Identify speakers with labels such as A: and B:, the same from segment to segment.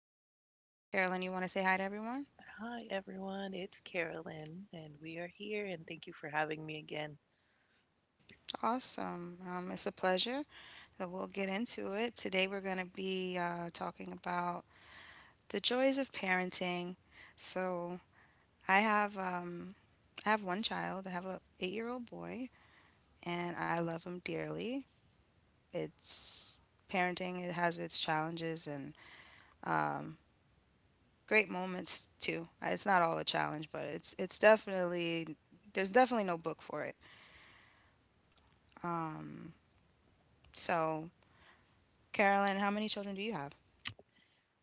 A: with us here today. Carolyn, you want to say hi to everyone?
B: Hi, everyone. It's Carolyn, and we are here, and thank you for having me again.
A: Awesome. It's a pleasure. So we'll get into it. Today we're going to be talking about the joys of parenting. So I have um, I have one child. I have a 8 year old boy, and I love him dearly. It's parenting. It has its challenges and um, great moments too. It's not all a challenge, but it's definitely there's definitely no book for it. Um, so Carolyn, how many children do you have?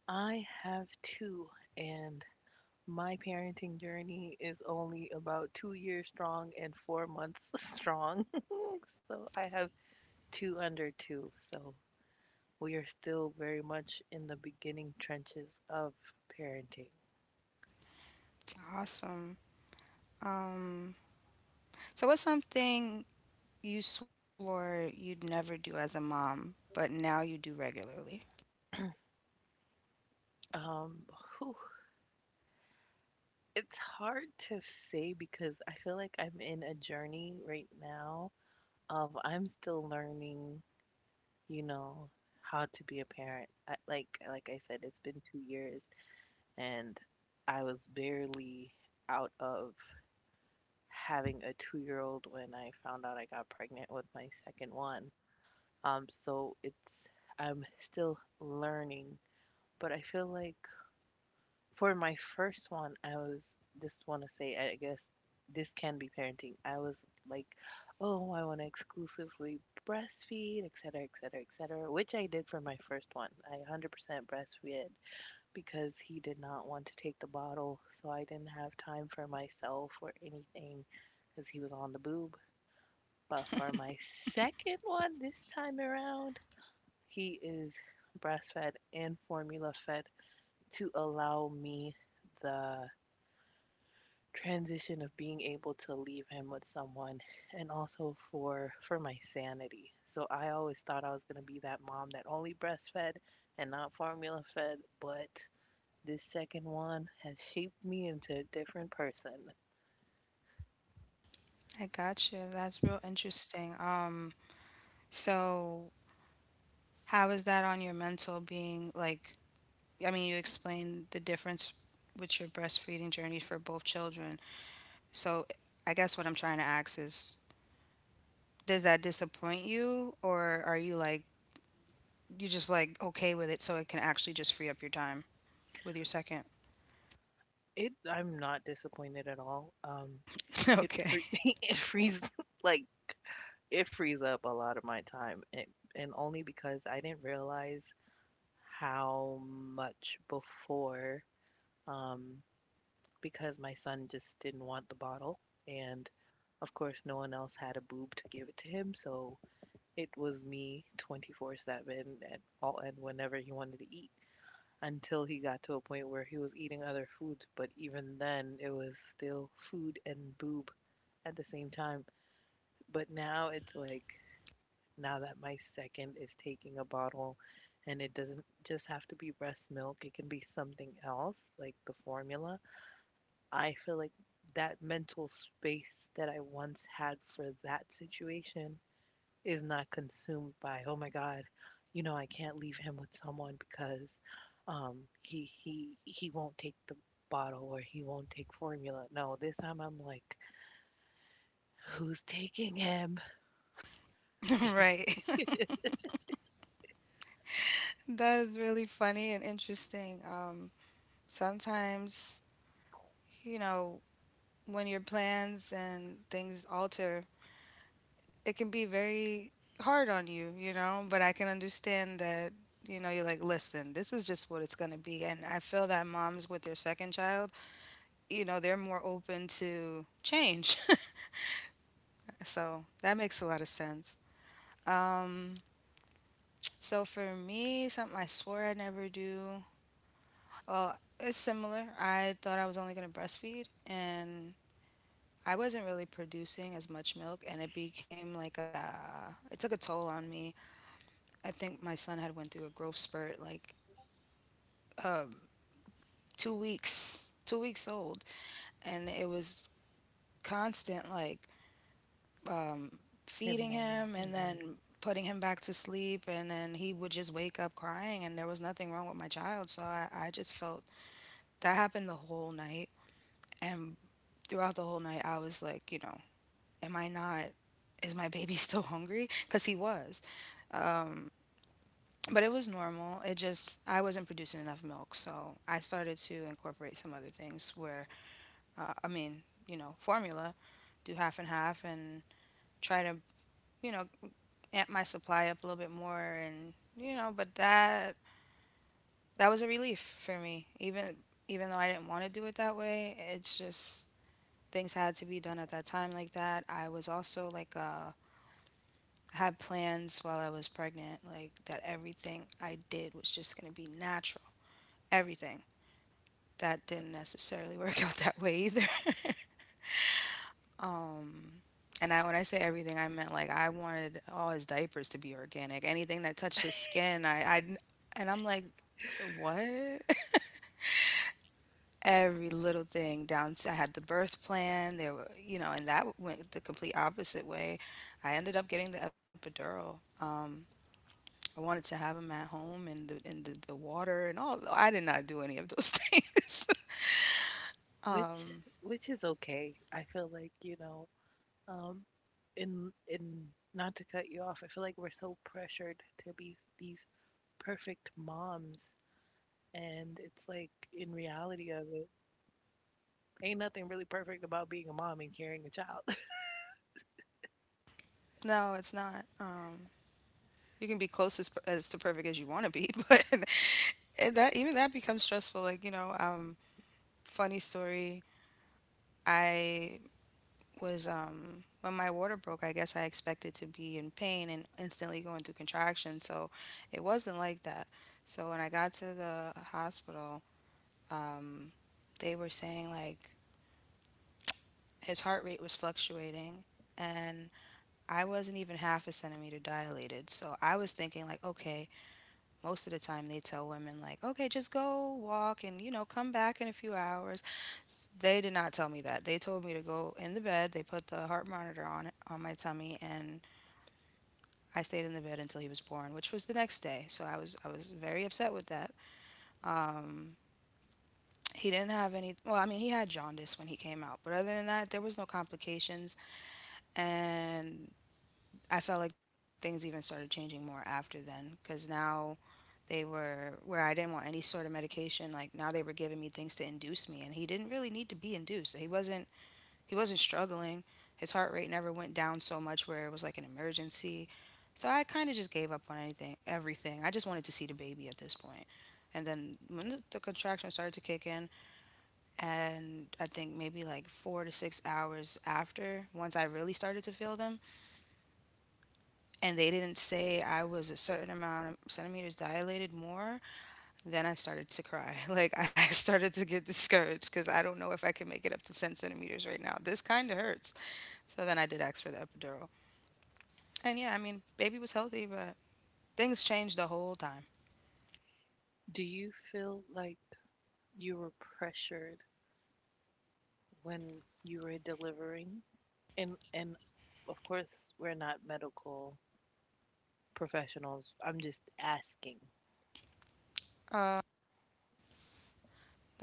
B: I have two, and my parenting journey is only about 2 years strong and 4 months strong. So I have two under two. So we are still very much in the beginning trenches of parenting.
A: Awesome. Um, so what's something you swore you'd never do as a mom, but now you do regularly?
B: Um, whew, it's hard to say because I feel like I'm in a journey right now of I'm still learning you know how to be a parent. I, like I said, it's been 2 years, and I was barely out of having a 2 year old when I found out I got pregnant with my second one. So it's I'm still learning, but I feel like for my first one, I was just want to say, I guess this can be parenting. I was like, oh, I want to exclusively breastfeed, et cetera, et cetera, et cetera, which I did for my first one. I 100% breastfed because he did not want to take the bottle, so I didn't have time for myself or anything because he was on the boob. But for my second one this time around, he is breastfed and formula fed to allow me the transition of being able to leave him with someone and also for my sanity. So I always thought I was going to be that mom that only breastfed and not formula fed, but this second one has shaped me into a different person.
A: I gotcha. That's real interesting. So how is that on your mental being? Like, I mean, you explained the difference with your breastfeeding journey for both children. So I guess what I'm trying to ask is, does that disappoint you, or are you like you just like okay with it so it can actually just free up your time with your second?
B: It I'm not disappointed at all. It
A: Okay.
B: free, it frees like it frees up a lot of my time and only because I didn't realize how much before um because my son just didn't want the bottle. And of course, no one else had a boob to give it to him. So it was me 24/7 and all and whenever he wanted to eat until he got to a point where he was eating other foods. But even then, it was still food and boob at the same time. But now it's like, now that my second is taking a bottle and it doesn't just have to be breast milk, it can be something else, like the formula. I feel like that mental space that I once had for that situation is not consumed by, oh my God, you know, I can't leave him with someone because um, he won't take the bottle or he won't take formula. No, this time I'm like, who's taking him?
A: Right. That is really funny and interesting. Sometimes, you know, when your plans and things alter, it can be very hard on you, you know, but I can understand that, you know, you're like, listen, this is just what it's going to be. And I feel that moms with their second child, you know, they're more open to change. So that makes a lot of sense. Um, so for me, something I swore I'd never do. Well, it's similar. I thought I was only going to breastfeed, and I wasn't really producing as much milk, and it became like a. It took a toll on me. I think my son had went through a growth spurt, like um, 2 weeks, 2 weeks old, and it was constant, like um,
B: Him
A: feeding
B: one,
A: him and
B: hmm.
A: then putting him back to sleep. And then he would just wake up crying, and there was nothing wrong with my child. So I just felt that happened the whole night. And throughout the whole night, I was like, you know, am I not, is my baby still hungry? Because he was. Um, but it was normal. It just, I wasn't producing enough milk. So I started to incorporate some other things where, I mean, you know, formula, do half and half and try to you know, amp my supply up a little bit more and you know, but that was a relief for me. Even though I didn't want to do it that way, it's just things had to be done at that time like that. I was also like had plans while I was pregnant, like that everything I did was just gonna be natural. Everything. That didn't necessarily work out that way either. Um, and I, when I say everything, I meant like I wanted all his diapers to be organic. Anything that touched his skin, I and I'm like, what? Every little thing down to I had the birth plan. There were, you know, and that went the complete opposite way. I ended up getting the epidural. Um, I wanted to have him at home and the water and all. I did not do any of those things.
B: Which
A: Um,
B: which is okay. I feel like, you know, um, in not to cut you off, I feel like we're so pressured to be these perfect moms, and it's like in reality of it ain't nothing really perfect about being a mom and carrying a child.
A: no, it's not. You can be close as to perfect as you want to be, but that even that becomes stressful like you know. Funny story. I was when my water broke, I guess I expected to be in pain and instantly going through contractions. So it wasn't like that. So when I got to the hospital, um they were saying like his heart rate was fluctuating, and I wasn't even half a centimeter dilated. So I was thinking like, okay, most of the time they tell women like, okay, just go walk and you know, come back in a few hours. They did not tell me that. They told me to go in the bed. They put the heart monitor on it on my tummy, and I stayed in the bed until he was born, which was the next day. So I was very upset with that. um he didn't have any, well, I mean, he had jaundice when he came out, but other than that, there was no complications. And I felt like things even started changing more after then because now they were where I didn't want any sort of medication. Like now they were giving me things to induce me, and he didn't really need to be induced. He wasn't struggling. His heart rate never went down so much where it was like an emergency. So I kind of just gave up on anything, everything. I just wanted to see the baby at this point. And then when the contractions started to kick in, and I think maybe like 4 to 6 hours after, once I really started to feel them, and they didn't say I was a certain amount of centimeters dilated more, then I started to cry. Like I started to get discouraged because I don't know if I can make it up to 10 centimeters right now. This kind of hurts. So then I did ask for the epidural. And yeah, I mean, baby was healthy, but things changed the whole time.
B: Do you feel like you were pressured when you were delivering, and of course we're not medical professionals, I'm just asking?
A: Uh,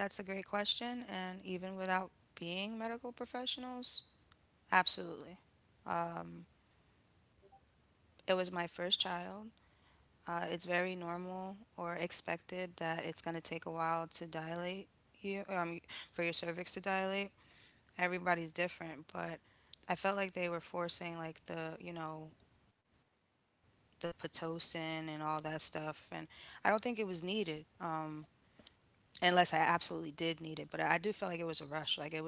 A: that's a great question. And even without being medical professionals, absolutely. Um, it was my first child. It's very normal or expected that it's going to take a while to dilate you, um, for your cervix to dilate. Everybody's different, but I felt like they were forcing like you know, the Pitocin and all that stuff, and I don't think it was needed. Unless I absolutely did need it, but I do feel like it was a rush. Like it was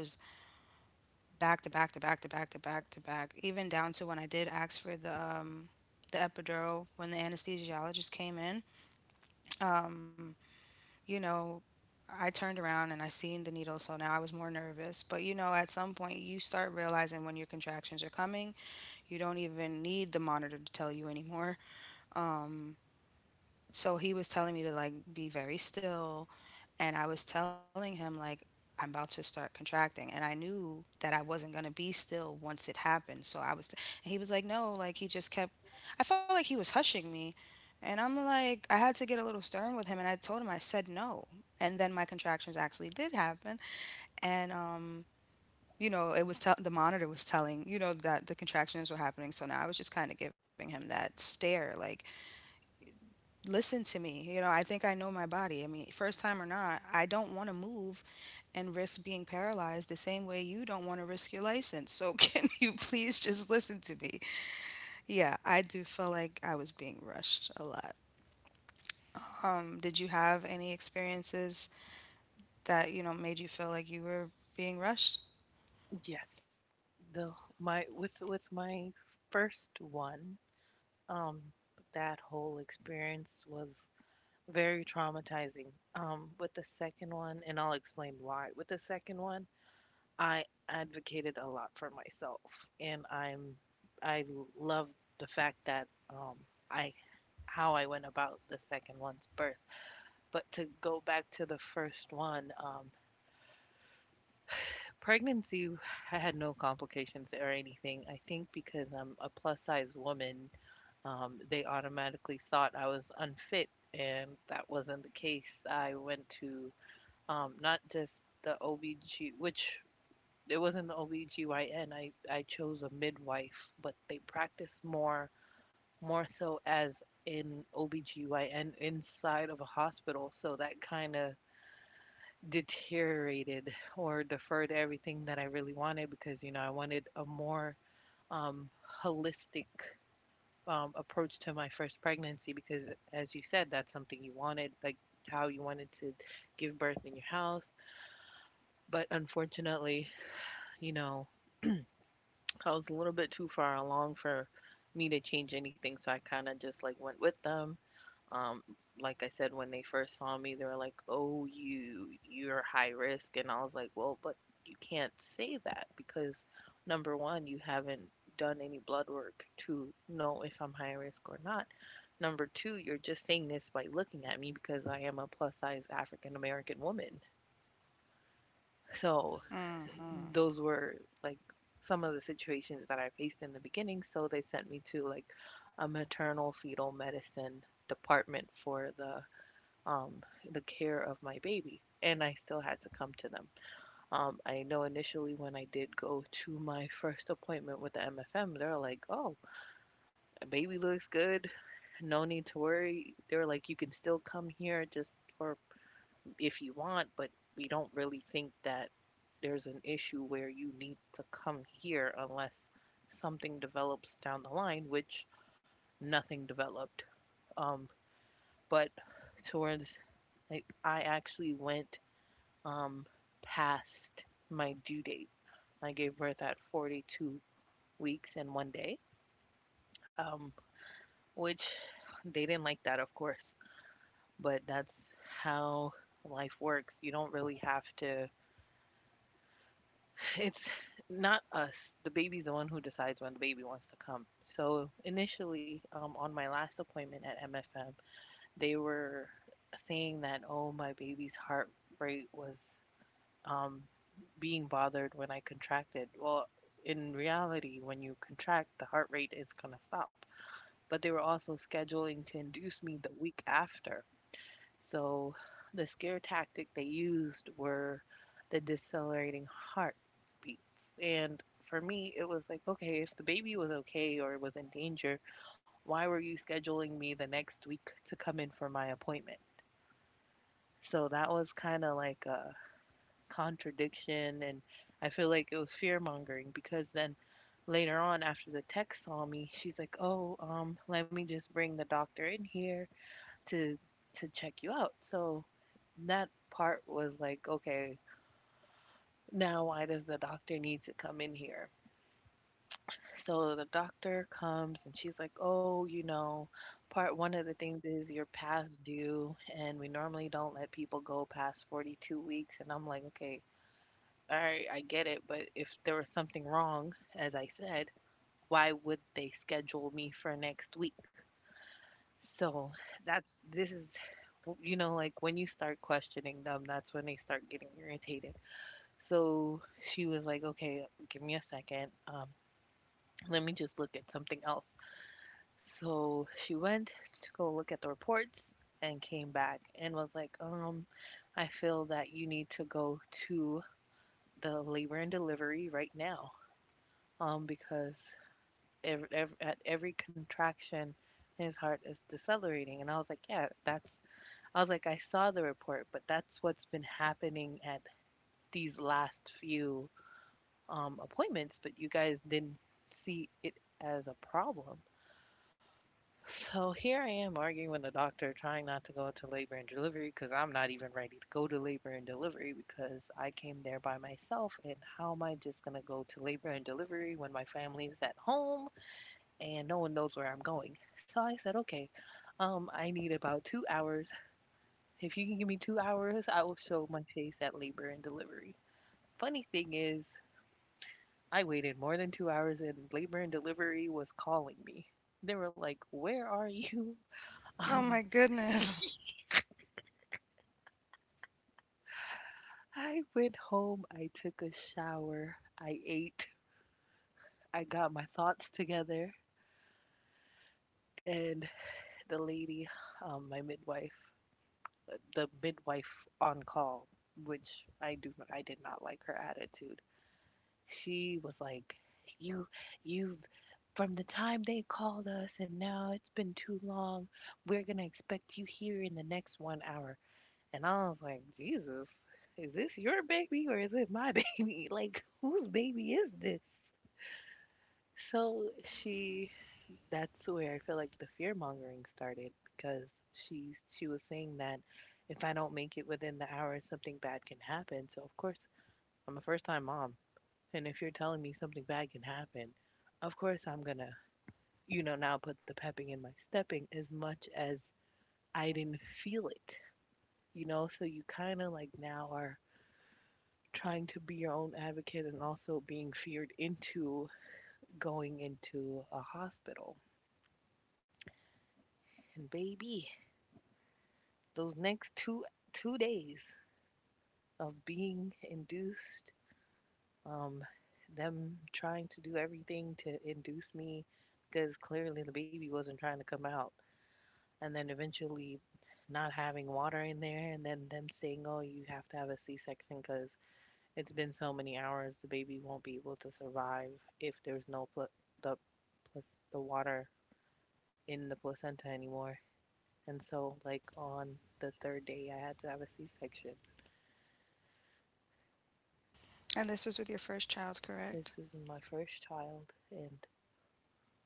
A: back to back to back to back to back to back, even down to when I did ask for um the epidural when the anesthesiologist came in. Um, you know, I turned around and I seen the needle, so now I was more nervous. But you know, at some point, you start realizing when your contractions are coming. You don't even need the monitor to tell you anymore. Um, so he was telling me to like be very still, and I was telling him like I'm about to start contracting, and I knew that I wasn't gonna be still once it happened. So and he was like, no, like he just kept. I felt like he was hushing me, and I'm like, I had to get a little stern with him, and I told him I said no, and then my contractions actually did happen, and you know, it was tell the monitor was telling, you know, that the contractions were happening. So now I was just kind of giving him that stare, like, listen to me. You know, I think I know my body. I mean, first time or not, I don't want to move and risk being paralyzed the same way you don't want to risk your license. So can you please just listen to me? Yeah, I do feel like I was being rushed a lot. Did you have any experiences that, you know, made you feel like you were being rushed?
B: Yes, the my with my first one, um that whole experience was very traumatizing. With the second one, and I'll explain why. With the second one, I advocated a lot for myself, and I love the fact that I how I went about the second one's birth. But to go back to the first one, pregnancy, I had no complications or anything. I think because I'm a plus size woman, they automatically thought I was unfit, and that wasn't the case. I went to not just the OBG, which it wasn't the OBGYN. I chose a midwife, but they practice more so as in OBGYN inside of a hospital. So that kind of deteriorated or deferred everything that I really wanted because, you know, I wanted a more um, holistic approach to my first pregnancy because, as you said, that's something you wanted, like how you wanted to give birth in your house. But unfortunately, you know, I was a little bit too far along for me to change anything, so I kind of just like went with them. Um, like I said, when they first saw me, they were like, "Oh, you're high risk," and I was like, "Well, but you can't say that because number one, you haven't done any blood work to know if I'm high risk or not. Number two, you're just saying this by looking at me because I am a plus size African American woman." So
A: Mm-hmm.
B: those were like some of the situations that I faced in the beginning. So they sent me to like a maternal fetal medicine department for um, the care of my baby, and I still had to come to them. I know initially when I did go to my first appointment with the MFM, they're like, "Oh, baby looks good, no need to worry." They were like, "You can still come here just for if you want, but we don't really think that there's an issue where you need to come here unless something develops down the line," which nothing developed. Um, but towards, like I actually went um past my due date. I gave birth at 42 weeks and 1 day, um, which they didn't like that, of course. But that's how life works. You don't really have to. It's not us. The baby's the one who decides when the baby wants to come. So initially, on my last appointment at MFM, they were saying that oh, my baby's heart rate was um, being bothered when I contracted. Well, in reality, when you contract, the heart rate is gonna stop. But they were also scheduling to induce me the week after. So the scare tactic they used were the decelerating heartbeats. And for me, it was like, okay, if the baby was okay or was in danger, why were you scheduling me the next week to come in for my appointment? So that was kind of like a contradiction. And I feel like it was fear mongering because then later on, after the tech saw me, she's like, oh, let me just bring the doctor in here to to check you out. So that part was like, okay, now why does the doctor need to come in here? So the doctor comes and she's like, oh, you know, part one of the things is you're past due, and we normally don't let people go past 42 weeks. And I'm like, okay, all right, I get it, but if there was something wrong, as I said, why would they schedule me for next week? So that's this is, you know, like when you start questioning them, that's when they start getting irritated. So she was like, okay, give me a second. Let me just look at something else. So she went to go look at the reports and came back and was like, I feel that you need to go to the labor and delivery right now. Because ev ev at every contraction, his heart is decelerating. And I was like, yeah, that's I was like, I saw the report, but that's what's been happening at these last few appointments, but you guys didn't see it as a problem. So here I am arguing with the doctor, trying not to go to labor and delivery because I'm not even ready to go to labor and delivery because I came there by myself. And how am I just going to go to labor and delivery when my family is at home and no one knows where I'm going? So I said, okay, I need about 2 hours. If you can give me 2 hours, I will show my face at labor and delivery. Funny thing is, I waited more than 2 hours and labor and delivery was calling me. They were like, where are you?
A: Oh my
B: Um,
A: goodness.
B: I went home, I took a shower, I ate, I got my thoughts together, and the lady, my midwife, the midwife on call, which I did not like her attitude. She was like, "You, you've from the time they called us and now it's been too long. We're gonna expect you here in the next 1 hour." And I was like, "Jesus, is this your baby or is it my baby? Like, whose baby is this?" So she, that's where I feel like the fear mongering started because she was saying that if I don't make it within the hour, something bad can happen. So of course, I'm a first time mom. And if you're telling me something bad can happen, of course I'm gonna, you know, now put the pepping in my stepping as much as I didn't feel it, you know? So you kind of like now are trying to be your own advocate and also being feared into going into a hospital. And baby, those next two days of being induced, um, them trying to do everything to induce me because clearly the baby wasn't trying to come out and then eventually not having water in there and then them saying, oh, you have to have a C-section because it's been so many hours the baby won't be able to survive if there's no pl- the plus the water in the placenta anymore. And so like on the third day I had to have a C-section.
A: And this was with your first child, correct?
B: This was my first child, and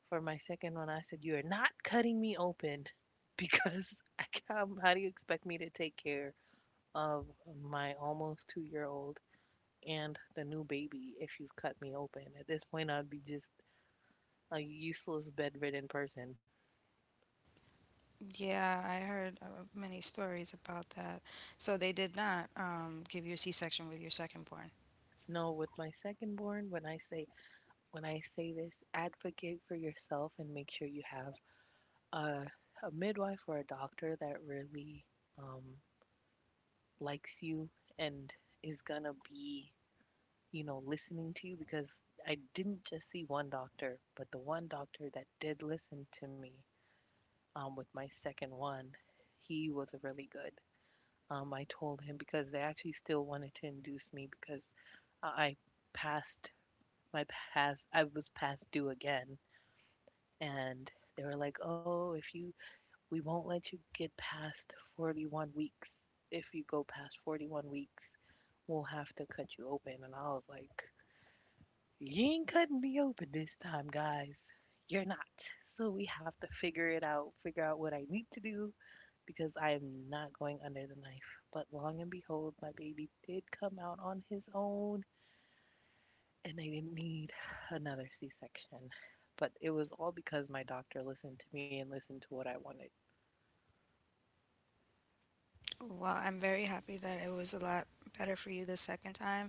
B: for my second one I said, you are not cutting me open because I can't. How do you expect me to take care of my almost 2 year old and the new baby if you've cut me open? At this point, I'd be just a useless bedridden person.
A: Yeah, I heard many stories about that. So they did not give you a C-section with your second born?
B: No, with my second born, when I say this, advocate for yourself and make sure you have a a midwife or a doctor that really um, likes you and is gonna be, you know, listening to you. Because I didn't just see one doctor, but the one doctor that did listen to me, with my second one, he was really good. I told him, because they actually still wanted to induce me because I passed my past, I was past due again. And they were like, oh, if you, we won't let you get past 41 weeks. If you go past 41 weeks, we'll have to cut you open. And I was like, you ain't cutting me open this time, guys. You're not. So we have to figure it out, figure out what I need to do, because I am not going under the knife. But long and behold, my baby did come out on his own, and I didn't need another C section. But it was all because my doctor listened to me and listened to what I wanted.
A: Well, I'm very happy that it was a lot better for you the second time.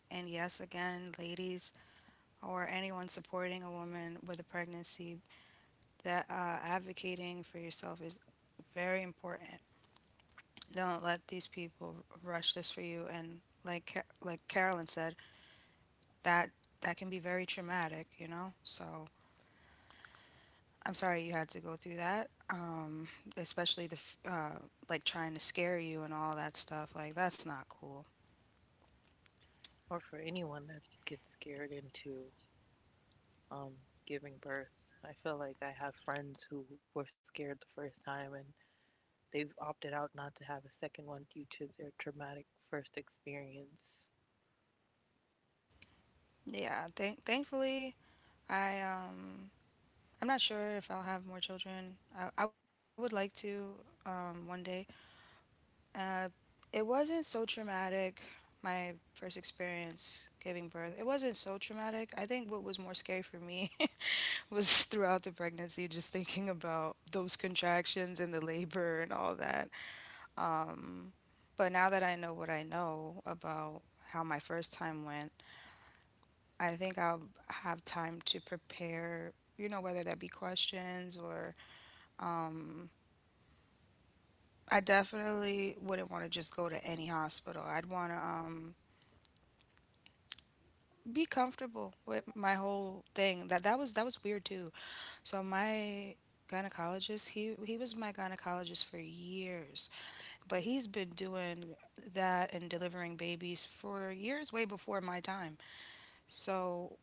A: And yes, again, ladies or anyone supporting a woman with a pregnancy, that advocating for yourself is very important. Don't let these people rush this for you. And like like Carolyn said, that that can be very traumatic, you know. So I'm sorry you had to go through that. Especially the like trying to scare you and all that stuff. Like that's not cool.
B: Or for anyone that gets scared into um, giving birth, I feel like I have friends who were scared the first time, and they've opted out not to have a second one due to their traumatic first experience.
A: Yeah. Thankfully, I um, I'm not sure if I'll have more children. I would like to one day. Uh, it wasn't so traumatic. My first experience giving birth, it wasn't so traumatic. I think what was more scary for me was throughout the pregnancy, just thinking about those contractions and the labor and all that. Um, but now that I know what I know about how my first time went, I think I'll have time to prepare, you know, whether that be questions or um, I definitely wouldn't want to just go to any hospital. I'd want to be comfortable with my whole thing. That was that was weird too. So my gynecologist, he was my gynecologist for years, but he's been doing that and delivering babies for years way before my time. So,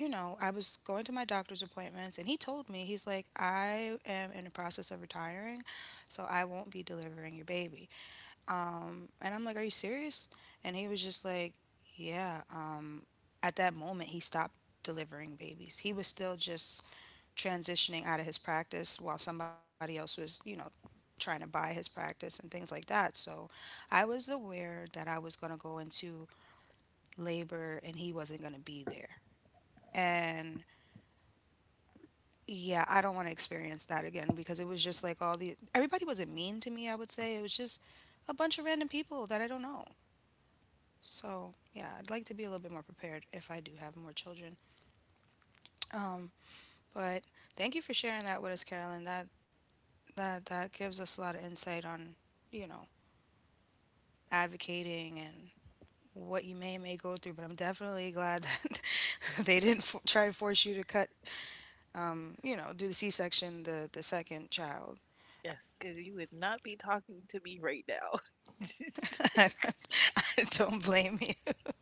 A: you know, I was going to my doctor's appointments and he told me, he's like, I am in the process of retiring, so I won't be delivering your baby. And I'm like, are you serious? And he was just like, yeah. At that moment, he stopped delivering babies. He was still just transitioning out of his practice while somebody else was, you know, trying to buy his practice and things like that. So I was aware that I was going to go into labor and he wasn't going to be there. And yeah, I don't want to experience that again because it was just like all the everybody wasn't mean to me, I would say. It was just a bunch of random people that I don't know. So, yeah, I'd like to be a little bit more prepared if I do have more children. Um, but thank you for sharing that with us, Carolyn. That gives us a lot of insight on, you know, advocating and what you may and may go through. But I'm definitely glad that they didn't try to force you to cut, you know, do the C-section the second child.
B: Yes, because you would not be talking to me right now.
A: I don't blame you.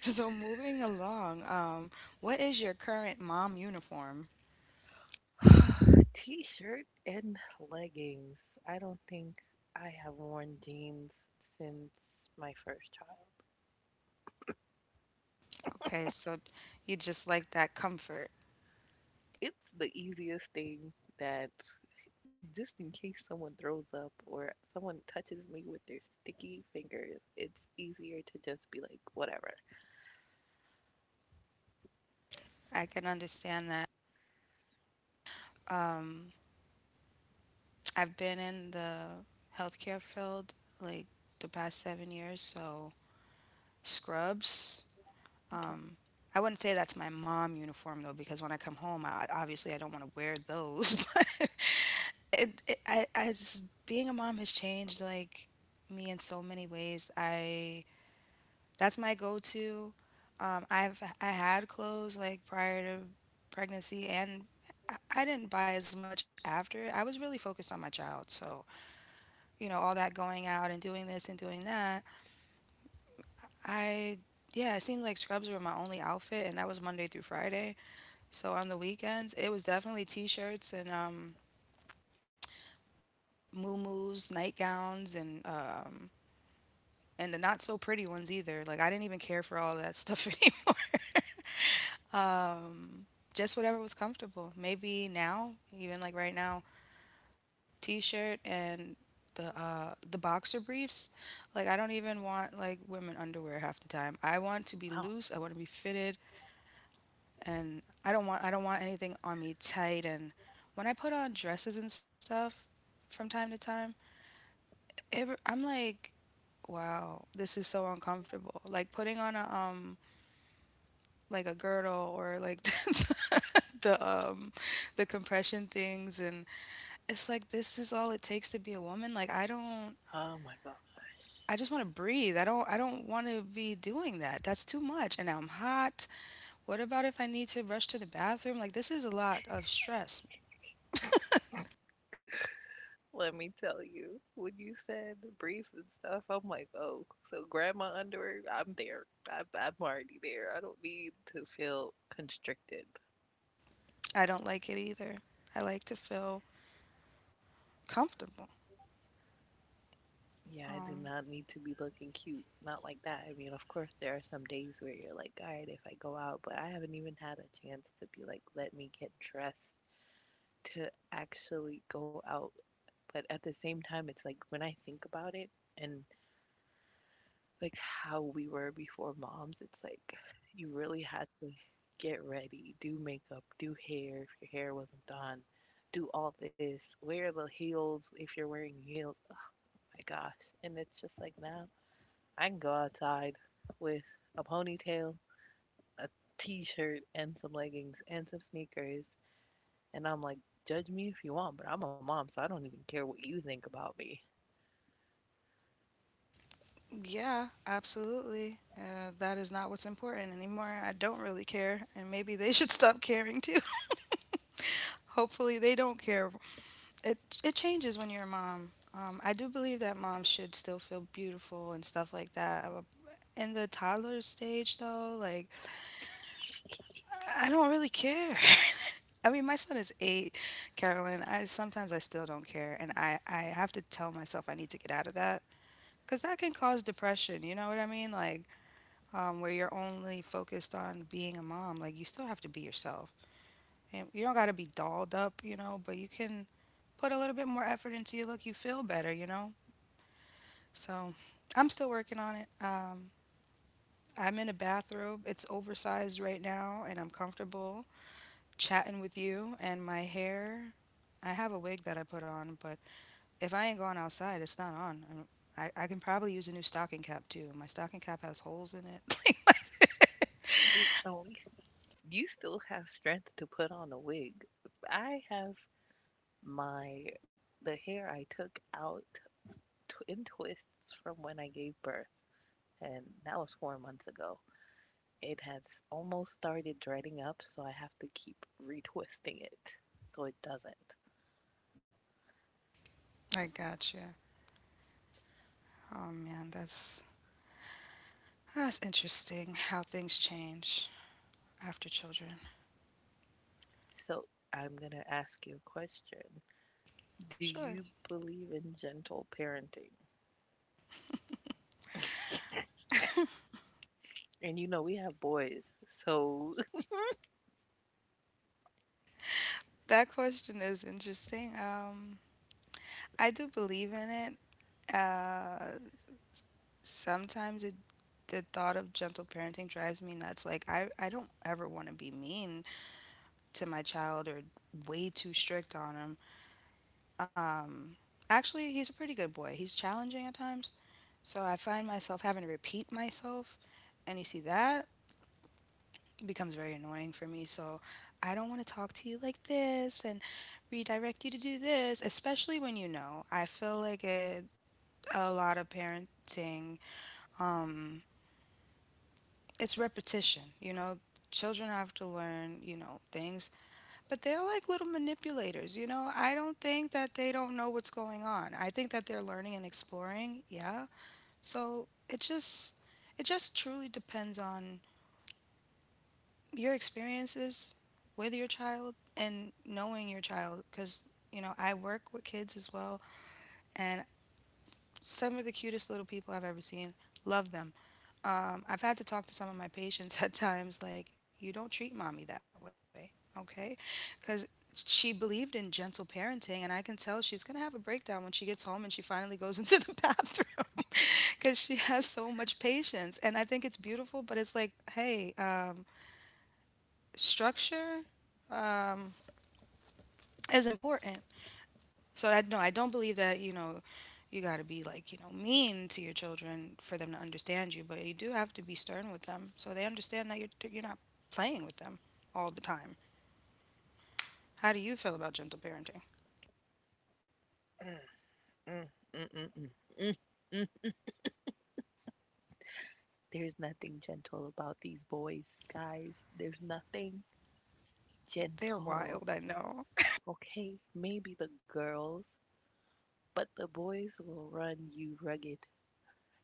A: So moving along, what is your current mom uniform?
B: T shirt and leggings. I don't think I have worn jeans since my first child.
A: Okay, so you just like that comfort.
B: It's the easiest thing that, just in case someone throws up or someone touches me with their sticky fingers, it's easier to just be like, whatever.
A: I can understand that. Um, I've been in the healthcare field like the past 7 years, so scrubs.
B: Okay.
A: Um, I wouldn't say that's my mom uniform though, because when I come home, I obviously I don't want to wear those. But as being a mom has changed like me in so many ways. I, that's my go-to. I had clothes like prior to pregnancy, and I didn't buy as much after. I was really focused on my child, so you know all that going out and doing this and doing that. I, yeah, it seemed like scrubs were my only outfit, and that was Monday through Friday. So on the weekends, it was definitely t-shirts and muumuus, nightgowns, and and the not so pretty ones either. Like I didn't even care for all that stuff anymore. Just whatever was comfortable. Maybe now, even like right now, t-shirt and the boxer briefs. Like I don't even want like women underwear half the time. I want to be
B: Wow.
A: loose. I want to be fitted, and I don't want anything on me tight. And when I put on dresses and stuff from time to time, it, I'm like, wow, this is so uncomfortable. Like putting on a like a girdle or like the the compression things and it's like this is all it takes to be a woman, like I don't.
B: Oh my gosh.
A: I just want to breathe. I don't want to be doing that. That's too much and I'm hot. What about if I need to rush to the bathroom? Like this is a lot of stress.
B: Let me tell you, when you said briefs and stuff, I'm like, oh, so grab my underwear, I'm there. I'm already there. I don't need to feel constricted.
A: I don't like it either. I like to feel comfortable.
B: Yeah, I do
A: um
B: not need to be looking cute. Not like that. I mean, of course, there are some days where you're like, all right, if I go out, but I haven't even had a chance to be like, let me get dressed to actually go out. But at the same time, it's like when I think about it, and like how we were before moms. It's like you really had to get ready, do makeup, do hair if your hair wasn't done, do all this, wear the heels if you're wearing heels. Oh my gosh. And it's just like now I can go outside with a ponytail, a t shirt, and some leggings and some sneakers. And I'm like, judge me if you want, but I'm a mom, so I don't even care what you think about me.
A: yeah, absolutely. That is not what's important anymore. I don't really care, and maybe they should stop caring too. Hopefully, they don't care. It it changes when you're a mom. I do believe that moms should still feel beautiful and stuff like that. In the toddler stage, though, like I don't really care. I mean, my son is eight, Carolyn. I sometimes I still don't care, and I have to tell myself I need to get out of that because that can cause depression. You know what I mean? Like where you're only focused on being a mom. Like you still have to be yourself, and you don't got to be dolled up, you know. But you can put a little bit more effort into your look. You feel better, you know. So I'm still working on it. I'm in a bathrobe. It's oversized right now, and I'm comfortable chatting with you. And my hair, I have a wig that I put on, but if I ain't going outside, it's not on. I can probably use a new stocking cap too. My stocking cap has holes in it.
B: See, at least you still have strength to put on a wig. I have my the hair I took out in twists from when I gave birth, and that was 4 months ago. It has almost started dreading up, so I have to keep retwisting it so it doesn't.
A: I gotcha. Oh man, that's interesting how things change after children.
B: So I'm gonna ask you a question. Do
A: Sure.
B: you believe in gentle parenting? And you know we have boys, so
A: That question is interesting. I do believe in it. Sometimes the thought of gentle parenting drives me nuts. Like I don't ever want to be mean to my child or way too strict on him. Um, Actually, he's a pretty good boy. He's challenging at times, so I find myself having to repeat myself, and you see that becomes very annoying for me. So I don't want to talk to you like this and redirect you to do this, especially when you know. I feel like a lot of parenting um, it's repetition. You know, children have to learn, you know, things, but they're like little manipulators. You know, I don't think that they don't know what's going on. I think that they're learning and exploring. Yeah. So it just truly depends on your experiences with your child and knowing your child. Because, you know, I work with kids as well, and some of the cutest little people I've ever seen. Love them. I've had to talk to some of my patients at times, like, you don't treat mommy that way, okay? Because she believed in gentle parenting, and I can tell she's going to have a breakdown when she gets home and she finally goes into the bathroom because she has so much patience. And I think it's beautiful, but it's like, hey, structure um, is important. So I, no, I don't believe that you know you got to be like you know mean to your children for them to understand you, but you do have to be stern with them so they understand that you're not playing with them all the time. How do you feel about gentle parenting?
B: mm, mm, mm, mm. There's nothing gentle about these boys, guys. There's nothing
A: They're wild, I
B: gentle.
A: know.
B: Okay, maybe the girls, but the boys will run you rugged.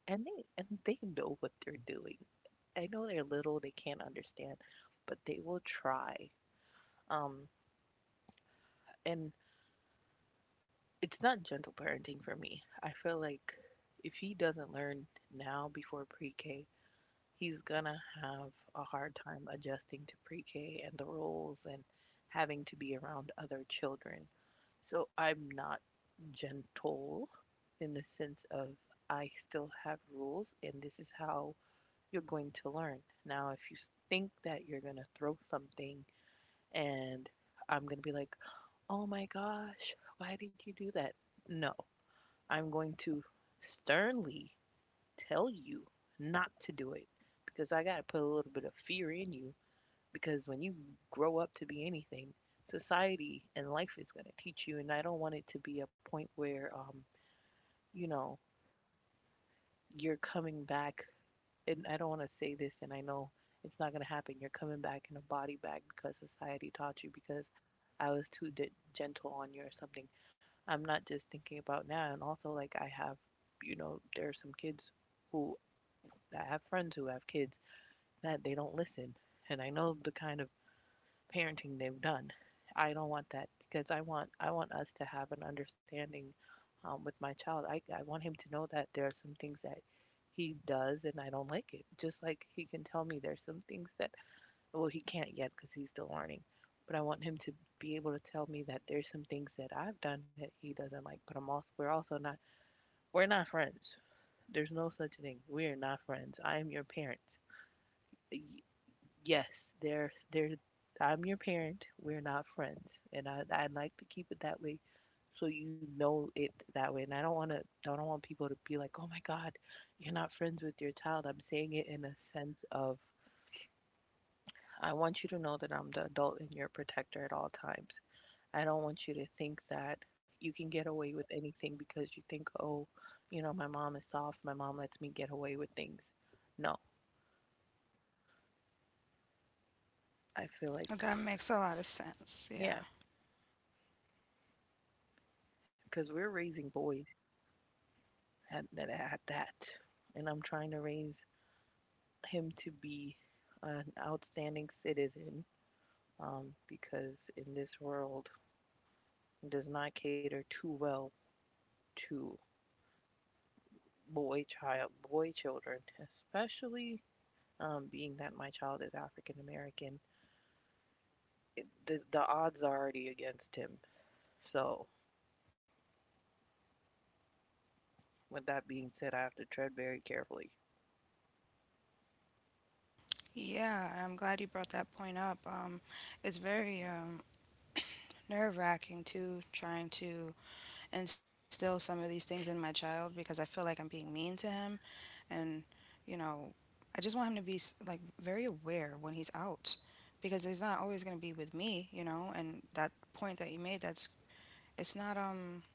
B: And they know what they're doing. I know they're little, they can't understand, but they will try. Um and it's not gentle parenting for me. I feel like if he doesn't learn now before pre-K, he's gonna have a hard time adjusting to pre-K and the rules and having to be around other children. So I'm not gentle in the sense of I still have rules, and this is how you're going to learn. Now, if you think that you're going to throw something and I'm going to be like, oh my gosh, why did you do that? No, I'm going to sternly tell you not to do it, because I got to put a little bit of fear in you, because when you grow up to be anything, society and life is going to teach you. And I don't want it to be a point where, you know, you're coming back. And I don't want to say this, and I know it's not going to happen. You're coming back in a body bag because society taught you because I was too gentle on you or something. I'm not just thinking about now. And also, like, I have, you know, there are some kids who, I have friends who have kids that they don't listen, and I know the kind of parenting they've done. I don't want that, because I want us to have an understanding, with my child. I want him to know that there are some things that he does and I don't like, it just like he can tell me there's some things that, well, he can't yet because he's still learning, but I want him to be able to tell me that there's some things that I've done that he doesn't like. But I'm also, we're also not, we're not friends. There's no such thing. We are not friends. I am your parent. Yes, they're I'm your parent. We're not friends, and I like to keep it that way, so you know it that way. And I don't want to, I don't want people to be like, oh my God, you're not friends with your child. I'm saying it in a sense of I want you to know that I'm the adult and your protector at all times. I don't want you to think that you can get away with anything because you think, oh, you know, my mom is soft. My mom lets me get away with things. No, I feel like
A: That makes a lot of sense.
B: yeah,
A: Yeah.
B: because we're raising boys, had that I had that, and I'm trying to raise him to be an outstanding citizen, because in this world it does not cater too well to boy children, especially being that my child is African American. The odds are already against him. So with that being said, I have to tread very carefully.
A: Yeah, I'm glad you brought that point up. It's very nerve wracking too, trying to instill some of these things in my child because I feel like I'm being mean to him and you know I just want him to be like very aware when he's out because he's not always going to be with me, you know. And that point that you made, that's, it's not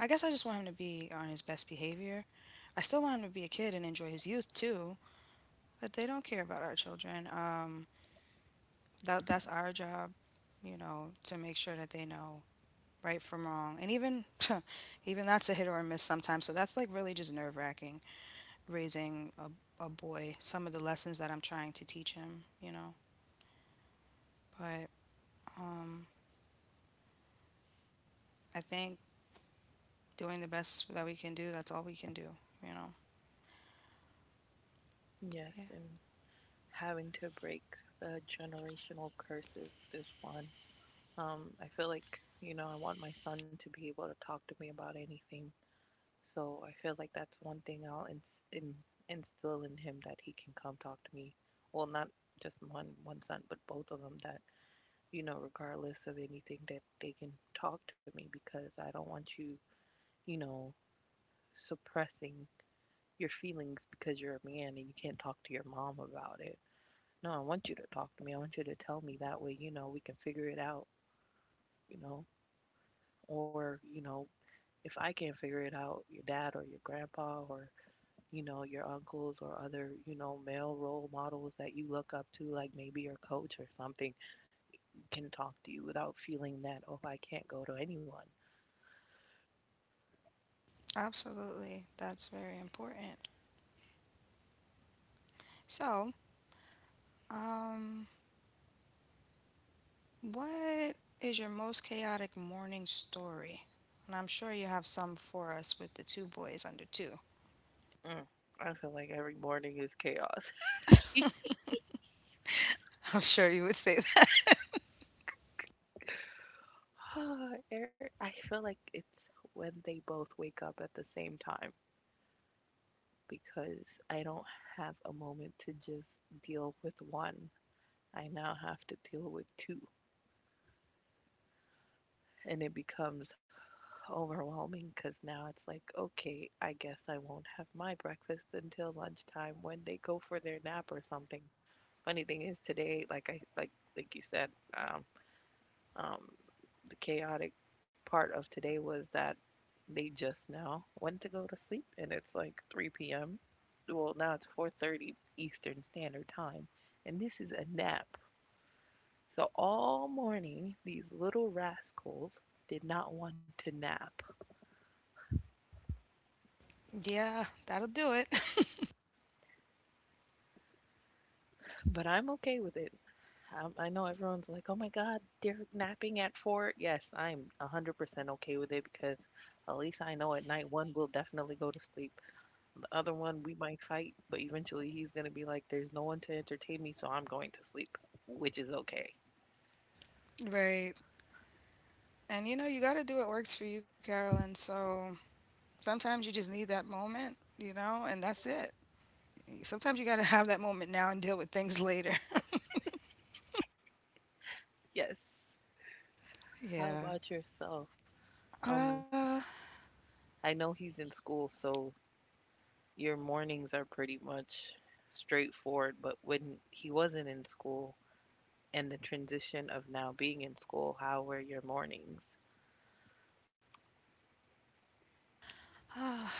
A: I guess I just want him to be on his best behavior. I still want him to be a kid and enjoy his youth too, but they don't care about our children. That's our job, you know, to make sure that they know right from wrong. And even even that's a hit or a miss sometimes, so that's like really just nerve wracking raising a boy, some of the lessons that I'm trying to teach him, you know. But um, I think doing the best that we can do, that's all we can do, you know.
B: Yes,
A: Yeah,
B: and having to break the generational curses is one. I feel like, you know, I want my son to be able to talk to me about anything. So I feel like that's one thing I'll instill in him, that he can come talk to me. Well, not just one son, but both of them, that, you know, regardless of anything, that they can talk to me, because I don't want you, you know, suppressing your feelings because you're a man and you can't talk to your mom about it. No, I want you to talk to me. I want you to tell me, that way, you know, we can figure it out, you know, or you know, if I can't figure it out, your dad or your grandpa or, you know, your uncles or other, you know, male role models that you look up to, like maybe your coach or something, can talk to you without feeling that, oh, I can't go to anyone.
A: absolutely. That's very important. So, um, what is your most chaotic morning story? And I'm sure you have some for us with the two boys under two.
B: Mm. I feel like every morning is chaos.
A: I'm sure you would say that.
B: I feel like it's when they both wake up at the same time, because I don't have a moment to just deal with one. I now have to deal with two. And it becomes overwhelming, because now it's like, okay, I guess I won't have my breakfast until lunchtime when they go for their nap or something. Funny thing is today, like I like you said, um, um, the chaotic part of today was that they just now went to go to sleep and it's like 3 p.m. Well, now it's 4:30 Eastern Standard Time, and this is a nap. So all morning, these little rascals did not want to nap,
A: Yeah, that'll do it.
B: but I'm okay with it. I know everyone's like, "Oh my God, they're napping at four." Yes, I'm 100% okay with it because at least I know at night one will definitely go to sleep. The other one, we might fight, but eventually he's gonna be like, "There's no one to entertain me, so I'm going to sleep," which is okay.
A: Right. And you know, you got to do what works for you, Carolyn. So sometimes you just need that moment, you know, and that's it. Sometimes you got to have that moment now and deal with things later.
B: Yes. How
A: Yeah.
B: about yourself? Um,
A: Uh,
B: I know he's in school, so your mornings are pretty much straightforward, but when he wasn't in school and the transition of now being in school, how were your mornings?
A: ah,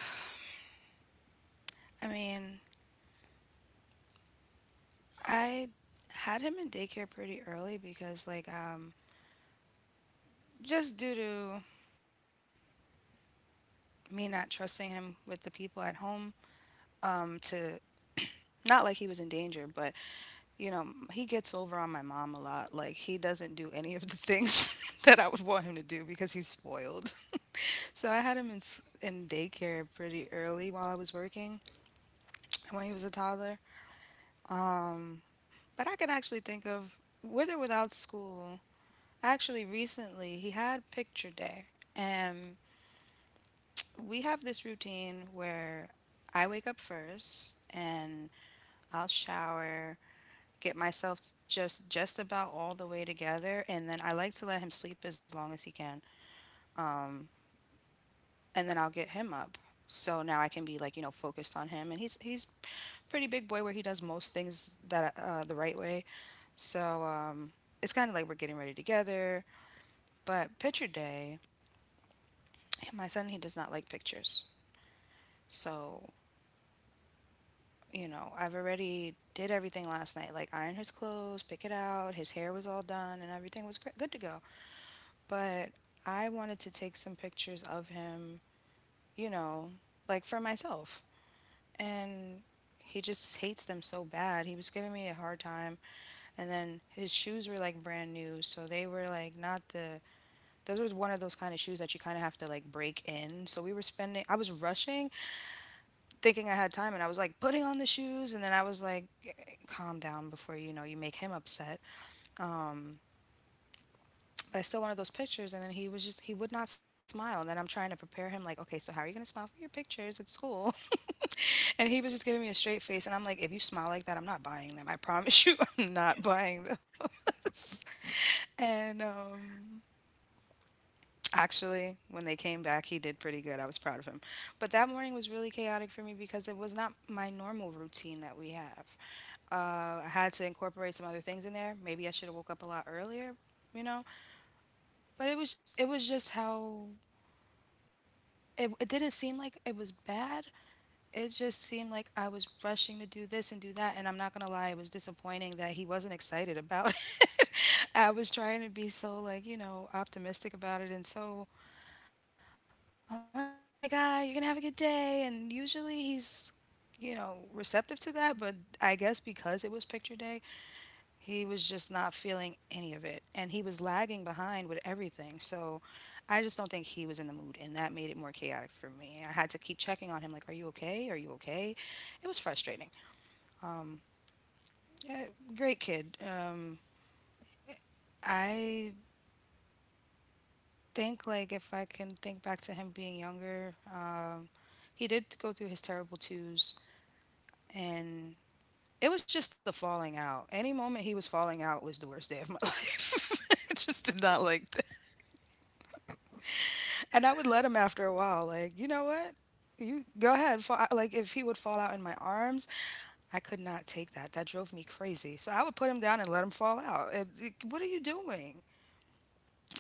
A: I mean, I had him in daycare pretty early because, like, just due to me not trusting him with the people at home, to not like he was in danger, but you know, he gets over on my mom a lot. Like, he doesn't do any of the things that I would want him to do because he's spoiled. So I had him in, in daycare pretty early while I was working when he was a toddler. Um, but I could actually think of, with or without school, actually recently he had picture day. And we have this routine where I wake up first and I'll shower, get myself just about all the way together, and then I like to let him sleep as long as he can. Um and then I'll get him up. So now I can be like, you know, focused on him, and he's pretty big boy where he does most things that the right way. So it's kind of like we're getting ready together, but picture day, my son, he does not like pictures. So, you know, I've already did everything last night, like iron his clothes, pick it out, his hair was all done and everything was good to go. But I wanted to take some pictures of him, you know, like for myself. And he just hates them so bad. He was giving me a hard time. And then his shoes were like brand new. So they were like not the, those was one of those kind of shoes that you kind of have to like break in. So I was rushing, thinking I had time. And I was like putting on the shoes. And then I was like, calm down before you make him upset. But I still wanted those pictures. And then he would not smile. And then I'm trying to prepare him, like, okay, so how are you going to smile for your pictures at school? And he was just giving me a straight face. And I'm like, if you smile like that, I'm not buying them. I promise you, I'm not buying them. And actually, when they came back, he did pretty good. I was proud of him. But that morning was really chaotic for me because it was not my normal routine that we have. I had to incorporate some other things in there. Maybe I should have woke up a lot earlier, you know. But it was just how it didn't seem like it was bad, it just seemed like I was rushing to do this and do that. And I'm not going to lie, it was disappointing that he wasn't excited about it. I was trying to be so, like, optimistic about it. And so, oh my God, you're going to have a good day. And usually he's, receptive to that. But I guess because it was picture day, he was just not feeling any of it. And he was lagging behind with everything. So I just don't think he was in the mood. And that made it more chaotic for me. I had to keep checking on him like, are you okay? Are you okay? It was frustrating. Um, yeah, great kid. I think like if I can think back to him being younger, he did go through his terrible twos, and it was just the falling out. Any moment he was falling out was the worst day of my life. I just did not like that. And I would let him after a while, like, you know what? You go ahead. Fall. Like, if he would fall out in my arms, I could not take that. That drove me crazy. So I would put him down and let him fall out. What are you doing?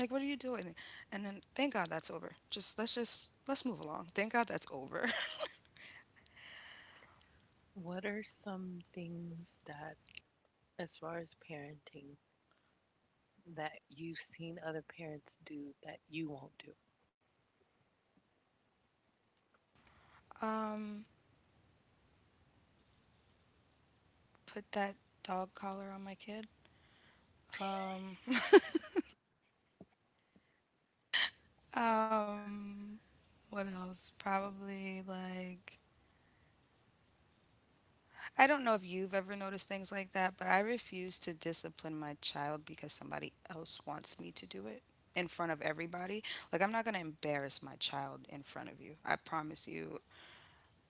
A: Like, what are you doing? And then thank God that's over. Just let's move along. Thank God that's over.
B: What are some things that, as far as parenting, that you've seen other parents do that you won't do?
A: Um, put that dog collar on my kid. Um, um, what else? Probably like I don't know if you've ever noticed things like that, but I refuse to discipline my child because somebody else wants me to do it in front of everybody. Like, I'm not going to embarrass my child in front of you. I promise you.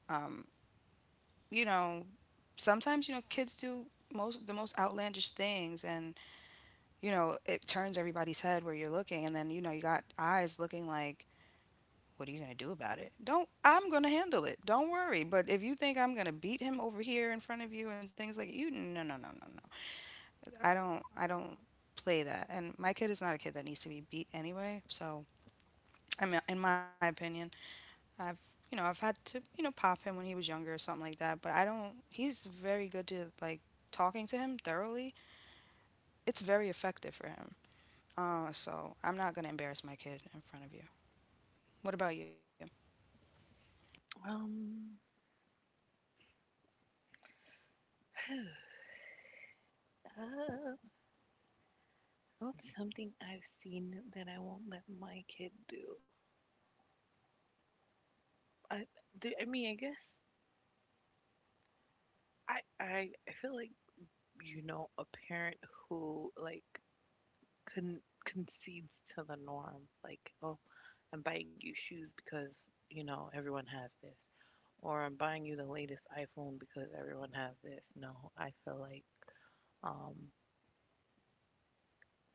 A: Um, you know, sometimes, kids do most the most outlandish things, and it turns everybody's head where you're looking. And then you got eyes looking like, what are you going to do about it? Don't. I'm going to handle it. Don't worry. But if you think I'm going to beat him over here in front of you and things like, you, no, no, no, no, no. I don't play that. And my kid is not a kid that needs to be beat anyway. So I mean, in my opinion, I've I've had to pop him when he was younger or something like that. But I don't. He's very good to like talking to him thoroughly. It's very effective for him. So I'm not gonna embarrass my kid in front of you. What about you?
B: Um, uh, what's something I've seen that I won't let my kid do? I do. I mean, I guess I feel like you know a parent who like concedes to the norm, like, oh, I'm buying you shoes because you know everyone has this. Or I'm buying you the latest iPhone because everyone has this. No, I feel like um,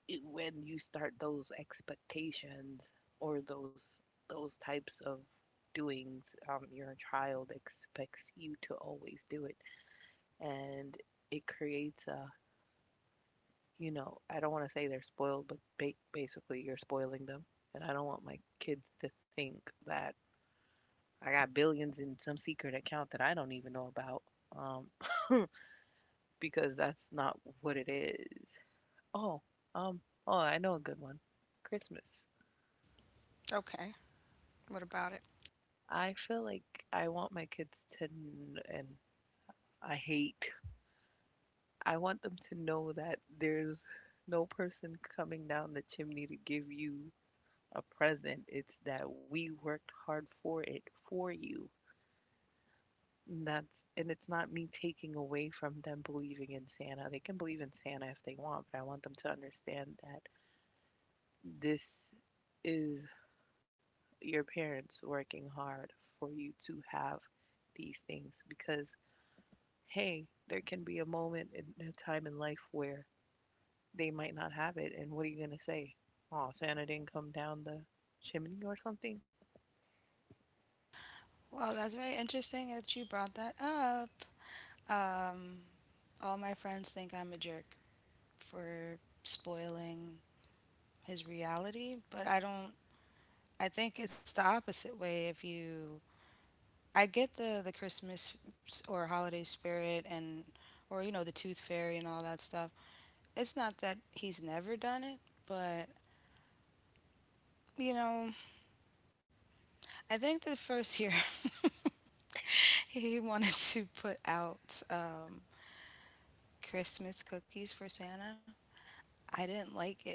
B: it, when you start those expectations or those types of doings, your child expects you to always do it, and it creates a, you know, I don't want to say they're spoiled, but basically you're spoiling them, and I don't want my kids to think that I got billions in some secret account that I don't even know about. Um, because that's not what it is. Oh, um, oh, I know a good one. Christmas.
A: Okay. What about it?
B: I feel like I want my kids to, and I hate, I want them to know that there's no person coming down the chimney to give you a present. It's that we worked hard for it for you. And that's, and it's not me taking away from them believing in Santa. They can believe in Santa if they want, but I want them to understand that this is your parents working hard for you to have these things, because hey, there can be a moment in a time in life where they might not have it, and what are you going to say? Oh, Santa didn't come down the chimney or something.
A: Well, that's very interesting that you brought that up. Um, all my friends think I'm a jerk for spoiling his reality, but I don't I think it's the opposite way. If you I get the or holiday spirit and, or the tooth fairy and all that stuff. It's not that he's never done it, but you know, I think the first year he wanted to put out Christmas cookies for Santa. I didn't like it.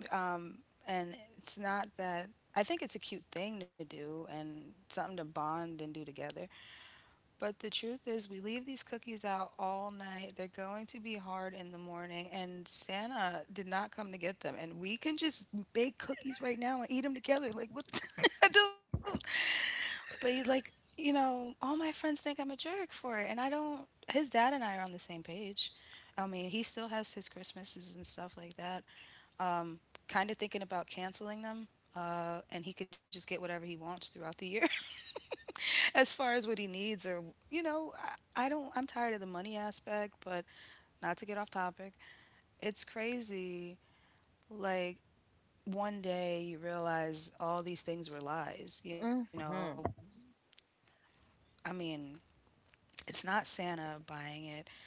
A: Um, and it's not that. I think it's a cute thing to do and something to bond and do together. But the truth is, we leave these cookies out all night. They're going to be hard in the morning, and Santa did not come to get them. And we can just bake cookies right now and eat them together. Like, what? I don't. But he's like, all my friends think I'm a jerk for it, and I don't. His dad and I are on the same page. I mean, he still has his Christmases and stuff like that. Um, kind of thinking about canceling them, and he could just get whatever he wants throughout the year. as far as what he needs, or you know I don't I'm tired of the money aspect. But not to get off topic, it's crazy. Like, one day you realize all these things were lies.
B: Mm-hmm.
A: I mean, it's not Santa buying it.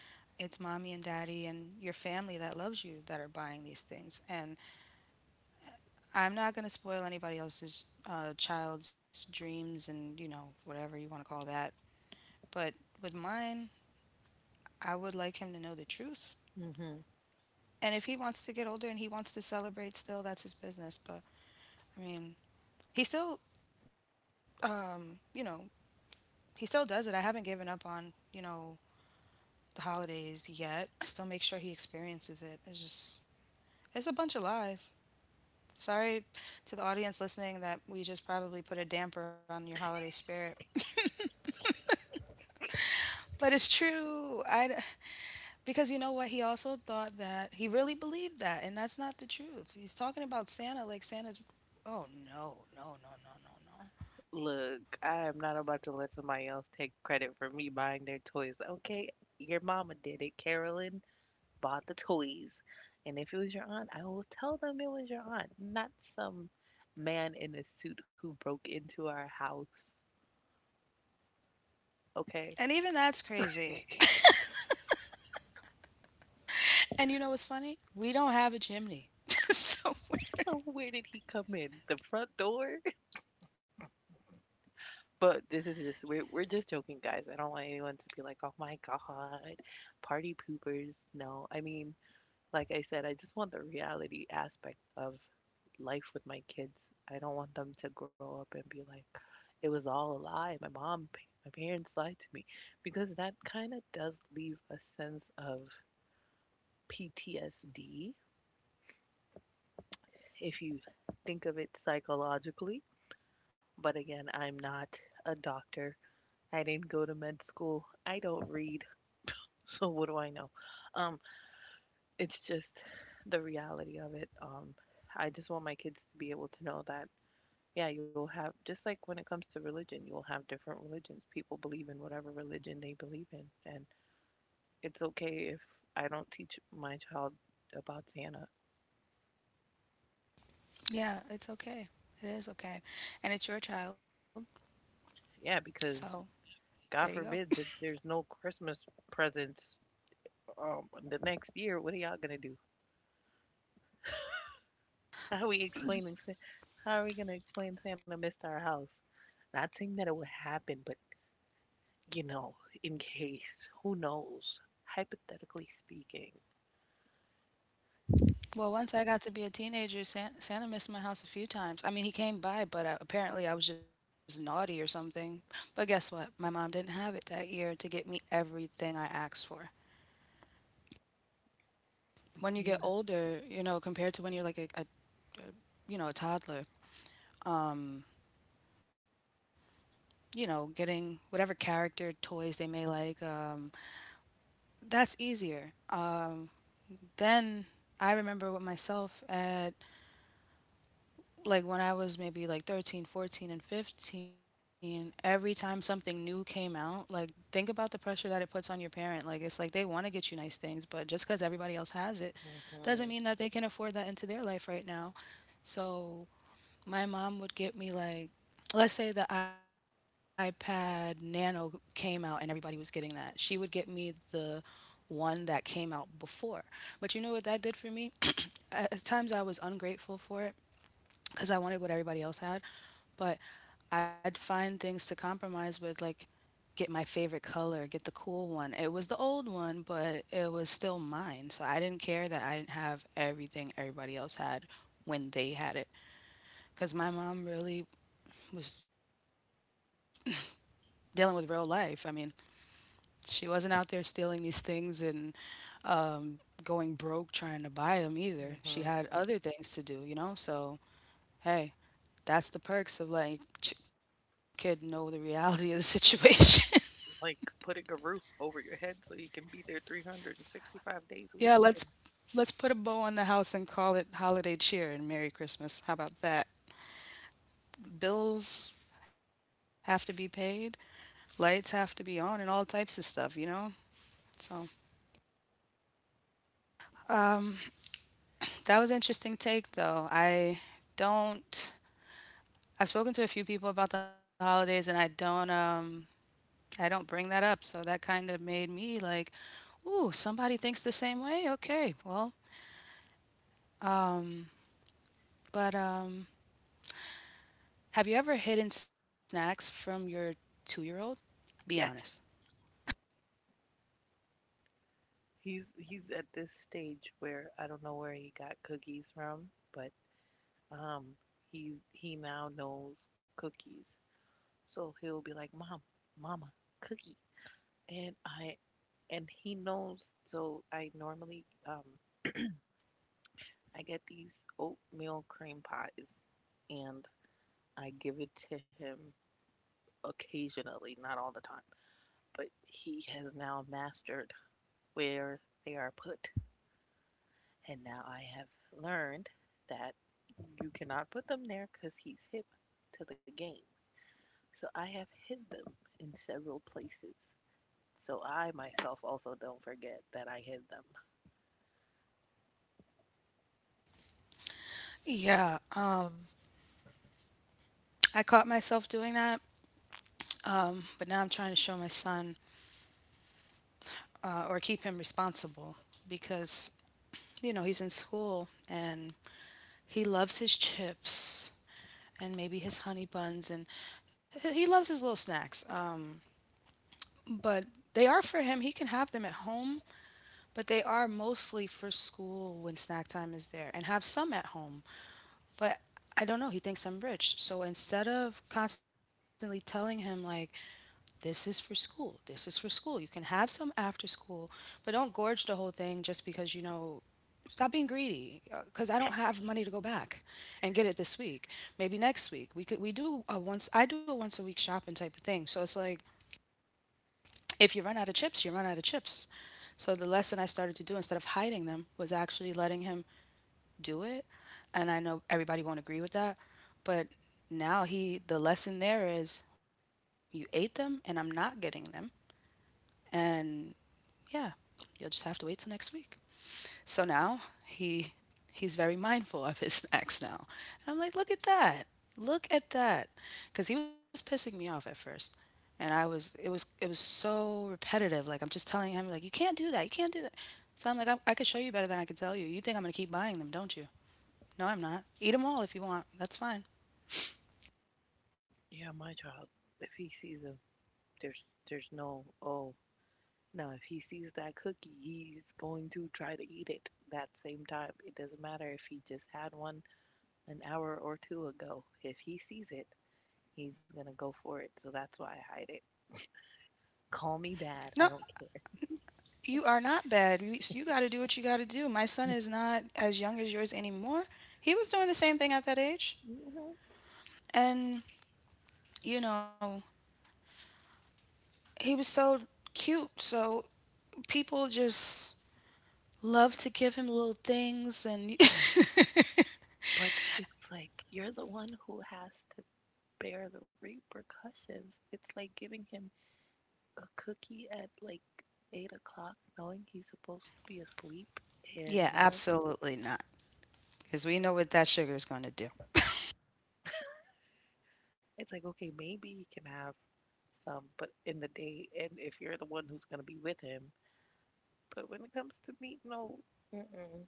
A: It's mommy and daddy and your family that loves you that are buying these things. And I'm not going to spoil anybody else's child's dreams and whatever you want to call that. But with mine, I would like him to know the truth.
B: Mm-hmm.
A: And if he wants to get older and he wants to celebrate still, that's his business. But I mean, he still, um, you know, he still does it. I haven't given up on, the holidays yet. I still make sure he experiences it. It's just, it's a bunch of lies. Sorry to the audience listening that we just probably put a damper on your holiday spirit. But it's true. Because you know what? He also thought that, he really believed that, and that's not the truth. He's talking about Santa like Santa's. Oh, no, no, no, no, no, no.
B: Look, I am not about to let somebody else take credit for me buying their toys, okay? Your mama did it, Carolyn, bought the toys. And if it was your aunt, I will tell them it was your aunt, not some man in a suit who broke into our house.
A: And even
B: Okay.
A: that's crazy. And you know what's funny? We don't have a chimney. So, we
B: So where did he come in? The front door? But this is just, we're just joking, guys. I don't want anyone to be like, "Oh my god, party poopers." No, I mean, like I said, I just want the reality aspect of life with my kids. I don't want them to grow up and be like, it was all a lie. My mom, my parents lied to me. Because that kind of does leave a sense of PTSD if you think of it psychologically. But again, I'm not a doctor. I didn't go to med school. I don't read. So what do I know? Um, it's just the reality of it. I just want my kids to be able to know that, yeah, you'll have, just like when it comes to religion, you'll have different religions. People believe in whatever religion they believe in, and it's okay if I don't teach my child about Santa.
A: yeah, it's okay. It is okay. And it's your child.
B: Yeah,
A: So,
B: because
A: there you go.
B: God forbid that there's no Christmas presents the next year. What are y'all gonna do? How are we explaining? How are we gonna explain Santa missed our house? Not saying that it will happen, but you know, in case, who knows? Hypothetically speaking.
A: Well, once I got to be a teenager, Santa missed my house a few times. I mean, he came by, but apparently I was just naughty or something. But guess what? My mom didn't have it that year to get me everything I asked for. When you get
B: Hmm.
A: older, compared to when you're like a a toddler, um, getting whatever character toys they may like, that's easier. Then I remember with myself at like when I was maybe like 13, 14, and 15, every time something new came out. Like, think about the pressure that it puts on your parent. Like, it's like they want to get you nice things, but just because everybody else has it doesn't mean that they can afford that into their life right now. So my mom would get me, like, let's say the iPad Nano came out and everybody was getting that. She would get me the one that came out before. But you know what that did for me? At times I was ungrateful for it cuz I wanted what everybody else had, but I'd find things to compromise with, like get my favorite color, get the cool one. It was the old one, but it was still mine. So I didn't care that I didn't have everything everybody else had when they had it. Because my mom really was dealing with real life. I mean, she wasn't out there stealing these things and going broke trying to buy them either.
B: Hmm.
A: She had other things to do, you know? So, hey, that's the perks of letting your kid know the reality of the situation.
B: Like putting a roof over your head so you can be there 365 days a week.
A: Yeah,
B: And
A: let's put a bow on the house and call it holiday cheer and Merry Christmas. How about that? Bills have to be paid, lights have to be on, and all types of stuff, you know. So, um that was an interesting take, though. I don't I've spoken to a few people about the holidays, and I don't bring that up. So that kind of made me like, ooh, somebody thinks the same way? Okay. Well, um but have you ever hidden snacks from your 2-year-old? Be honest.
B: yeah, he's at this stage where I don't know where he got cookies from, but um, he's he now knows cookies. So he'll be like, "Mom, Mama, cookie," and I, and he knows. So I normally I get these oatmeal cream pies, and I give it to him occasionally, not all the time, but he has now mastered where they are put. And now I have learned that you cannot put them there because he's hip to the game. So I have hid them in several places. So I myself also don't forget that I hid them.
A: Yeah, I caught myself doing that. But now I'm trying to show my son or keep him responsible because you know, he's in school and he loves his chips, and maybe his honey buns, and he loves his little snacks, but they are for him. He can have them at home, but they are mostly for school when snack time is there, and have some at home. But I don't know, he thinks I'm rich. So instead of constantly telling him like this is for school, this is for school, you can have some after school, but don't gorge the whole thing just because. Stop being greedy, because I don't have money to go back and get it this week. Maybe next week. We could we do a once I do a once a week shopping type of thing. So it's like if you run out of chips, you run out of chips. So the lesson I started to do instead of hiding them was actually letting him do it. And I know everybody won't agree with that, but now he the lesson there is you ate them and I'm not getting them. And yeah, you'll just have to wait till next week. So now he's very mindful of his snacks now. And I'm like, look at that. Look at that. Cuz he was pissing me off at first. And I was it was it was so repetitive. Like I'm just telling him like you can't do that. You can't do that. So I'm like I could show you better than I could tell you. You think I'm going to keep buying them, don't you? No, I'm not. Eat them all if you want. That's fine.
B: Yeah, my child. If he sees them, there's no, oh no. If he sees that cookie, he's going to try to eat it that same time. It doesn't matter if he just had one an hour or two ago. If he sees it, he's gonna go for it, so that's why I hide it. Call me
A: No,
B: bad, I don't care.
A: you are not bad. You got to do what you got to do. My son is not as young as yours anymore. He was doing the same thing at that age.
B: Hmm.
A: And, you know, he was so cute. So people just love to give him little things and
B: Yeah, but it's like you're the one who has to bear the repercussions. It's like giving him a cookie at like 8 o'clock, knowing he's supposed to be asleep,
A: yeah,
B: and you know,
A: absolutely not. Because we know what that sugar is going to do.
B: it's like, okay, maybe he can have some, but in the day, and if you're the one who's gonna be with him, but when it comes to me, no. Mm-mm.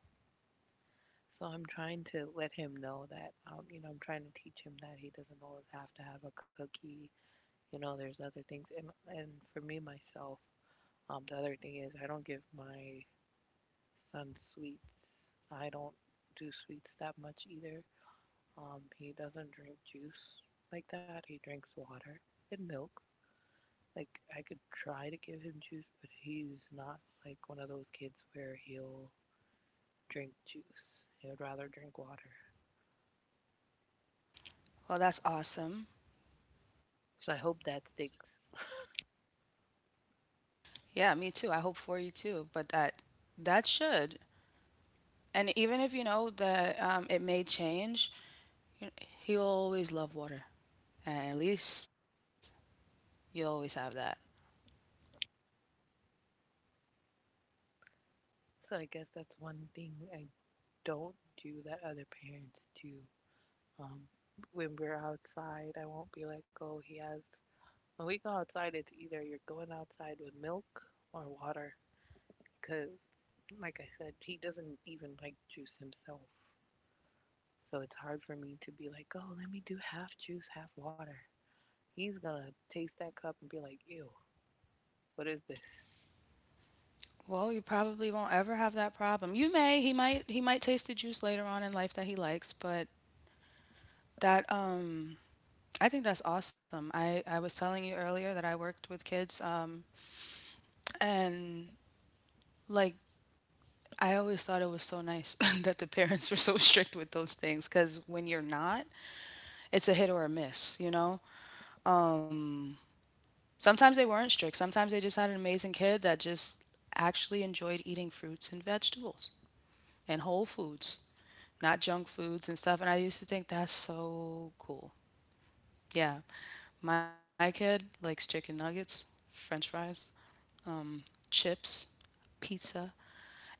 B: So I'm trying to let him know that, you know, I'm trying to teach him that he doesn't always have to have a cookie. You know, there's other things. And for me, myself, the other thing is I don't give my son sweets. I don't do sweets that much either. He doesn't drink juice like that. He drinks water and milk. Like, I could try to give him juice, but he's not like one of those kids where he'll drink juice. He would rather drink water.
A: Well, that's awesome.
B: So I hope that sticks.
A: Yeah, me too. I hope for you too. But that should. And even if you know that it may change, you- he'll always love water. And at least you'll always have that.
B: So I guess that's one thing I don't do that other parents do. Um, when we're outside, I won't be like, oh, he has. When we go outside, it's either you're going outside with milk or water. Because, like I said, he doesn't even like juice himself. So it's hard for me to be like, oh, let me do half juice, half water. He's going to taste that cup and be like, ew, what is this?
A: Well, you probably won't ever have that problem. You may, he might taste the juice later on in life that he likes, but That I think that's awesome. I was telling you earlier that I worked with kids and like I always thought it was so nice that the parents were so strict with those things, cuz when you're not, it's a hit or a miss, you know? Sometimes they weren't strict. Sometimes they just had an amazing kid that just actually enjoyed eating fruits and vegetables and whole foods, not junk foods and stuff. And I used to think that's so cool. Yeah. My kid likes chicken nuggets, french fries, chips, pizza.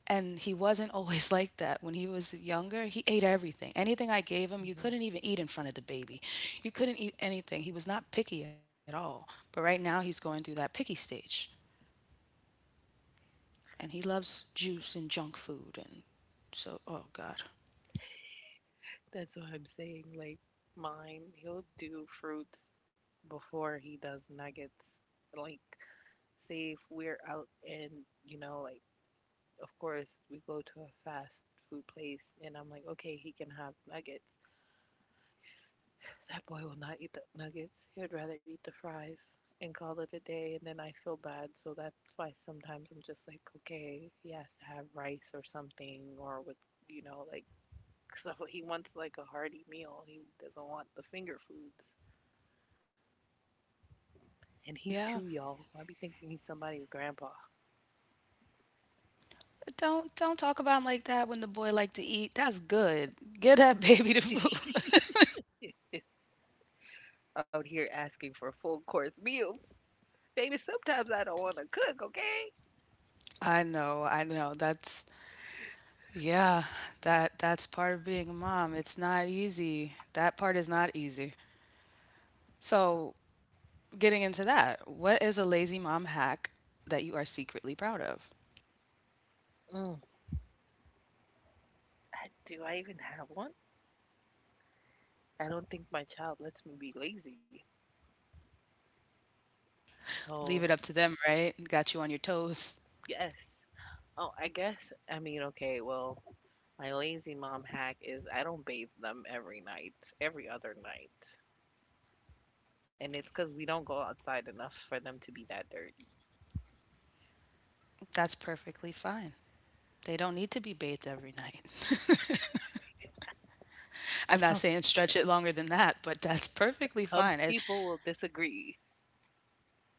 A: And he wasn't always like that. When he was younger, he ate everything. Anything I gave him, you
B: Mm-hmm.
A: couldn't even eat in front of the baby. You couldn't eat anything. He was not picky at all. But right now, he's going through that picky stage. And he loves juice and junk food. And so, oh God.
B: That's what I'm saying. Like mine, he'll do fruits before he does nuggets. Like, say if we're out and, you know, like, of course, we go to a fast food place and I'm like, okay, he can have nuggets. That boy will not eat the nuggets. He would rather eat the fries and call it a day. And then I feel bad. So that's why sometimes I'm just like, okay, he has to have rice or something, or with, you know, like, so he wants like a hearty meal. He doesn't want the finger foods. And he's
A: Yeah,
B: two, y'all. I be thinking he's somebody's grandpa
A: don't talk about him like that when the boy like to eat. That's good. Get that baby the food.
B: out here asking for full course meals. Baby, sometimes I don't want to cook, okay?
A: I know, I know. That's… Yeah, that's part of being a mom. It's not easy. That part is not easy. So, getting into that, what is a lazy mom hack that you are secretly proud of?
B: Mm, I, do I even have one? I don't think my child lets me be lazy.
A: Leave it
B: So,
A: up to them, right? Got you on your toes.
B: yes. Oh, I guess, I mean, okay, well, my lazy mom hack is I don't bathe them every night, every other night. And it's because we don't go outside enough for them to be that dirty.
A: That's perfectly fine. They don't need to be bathed every night. I'm not saying stretch it longer than that, but that's perfectly
B: Some
A: fine.
B: people will disagree.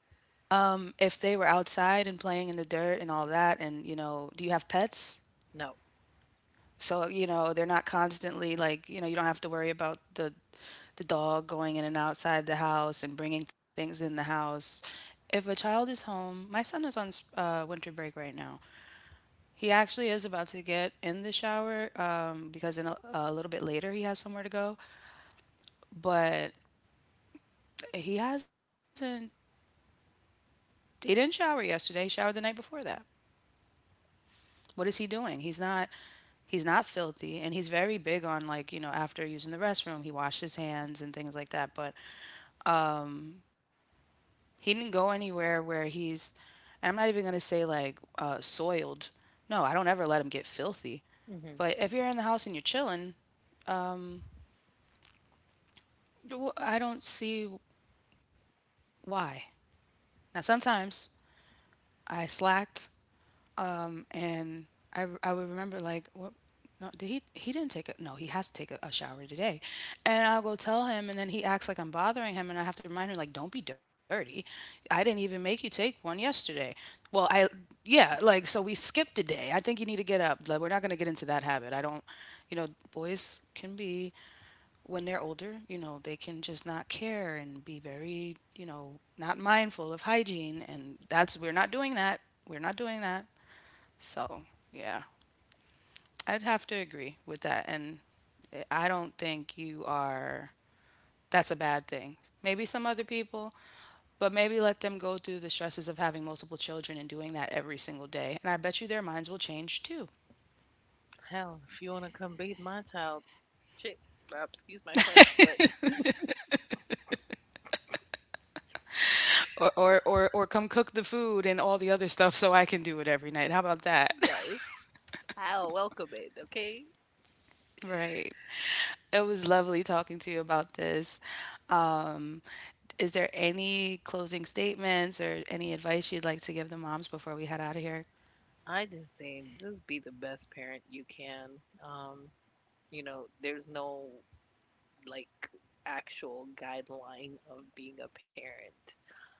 A: If they were outside and playing in the dirt and all that, and you know, do you have pets?
B: No.
A: So, you know, they're not constantly like, you know, you don't have to worry about the dog going in and outside the house and bringing things in the house. If a child is home, my son is on winter break right now. He actually is about to get in the shower because in a little bit later he has somewhere to go. But he hasn't. He didn't shower yesterday. He showered the night before that. What is he doing? He's not. He's not filthy, and he's very big on like you know after using the restroom, he washed his hands and things like that. But he didn't go anywhere where and I'm not even going to say like soiled. No, I don't ever let him get filthy.
B: Hmm.
A: But if you're in the house and you're chilling, I don't see why. Now, sometimes I slacked and I would remember like what, no did he didn't take a, no he has to take a shower today, and I'll go tell him and then he acts like I'm bothering him and I have to remind him like don't be dirty. I didn't even make you take one yesterday. Well I yeah like so we skipped a day, I think you need to get up, like we're not gonna get into that habit. I don't… You know, boys can be, when they're older, you know, they can just not care and be very, you know, not mindful of hygiene, and that's… we're not doing that. We're not doing that. So, yeah, I'd have to agree with that. And I don't think you are, that's a bad thing. Maybe some other people, but maybe let them go through the stresses of having multiple children and doing that every single day. And I bet you their minds will change too.
B: Hell, if you want to come bathe my child, shit. Excuse my French, but
A: Or come cook the food and all the other stuff so I can do it every night. How about that?
B: yeah, I'll welcome it, okay?
A: Right. It was lovely talking to you about this. Um, is there any closing statements or any advice you'd like to give the moms before we head out of here?
B: I just say, just be the best parent you can. Um, you know, there's no like actual guideline of being a parent.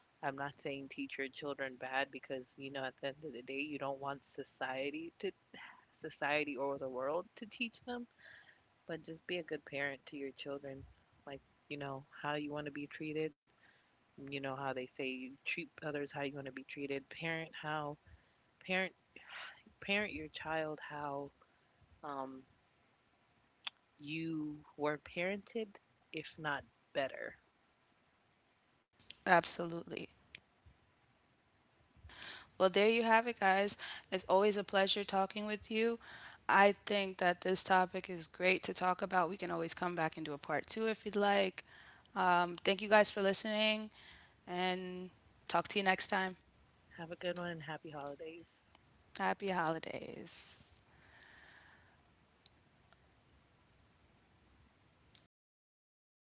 B: I'm not saying teach your children bad, because you know at the end of the day you don't want society to, society or the world to teach them, but just be a good parent to your children. Like, you know, how you want to be treated. Mm, you know how they say you treat others how you want to be treated. Parent parent your child how, um, you were parented, if not better.
A: Absolutely. Well, there you have it, guys. It's always a pleasure talking with you. I think that this topic is great to talk about. We can always come back and do a part two if you'd like. Thank you guys for listening, and talk to you next time.
B: Have a good one and happy holidays.
A: Happy holidays.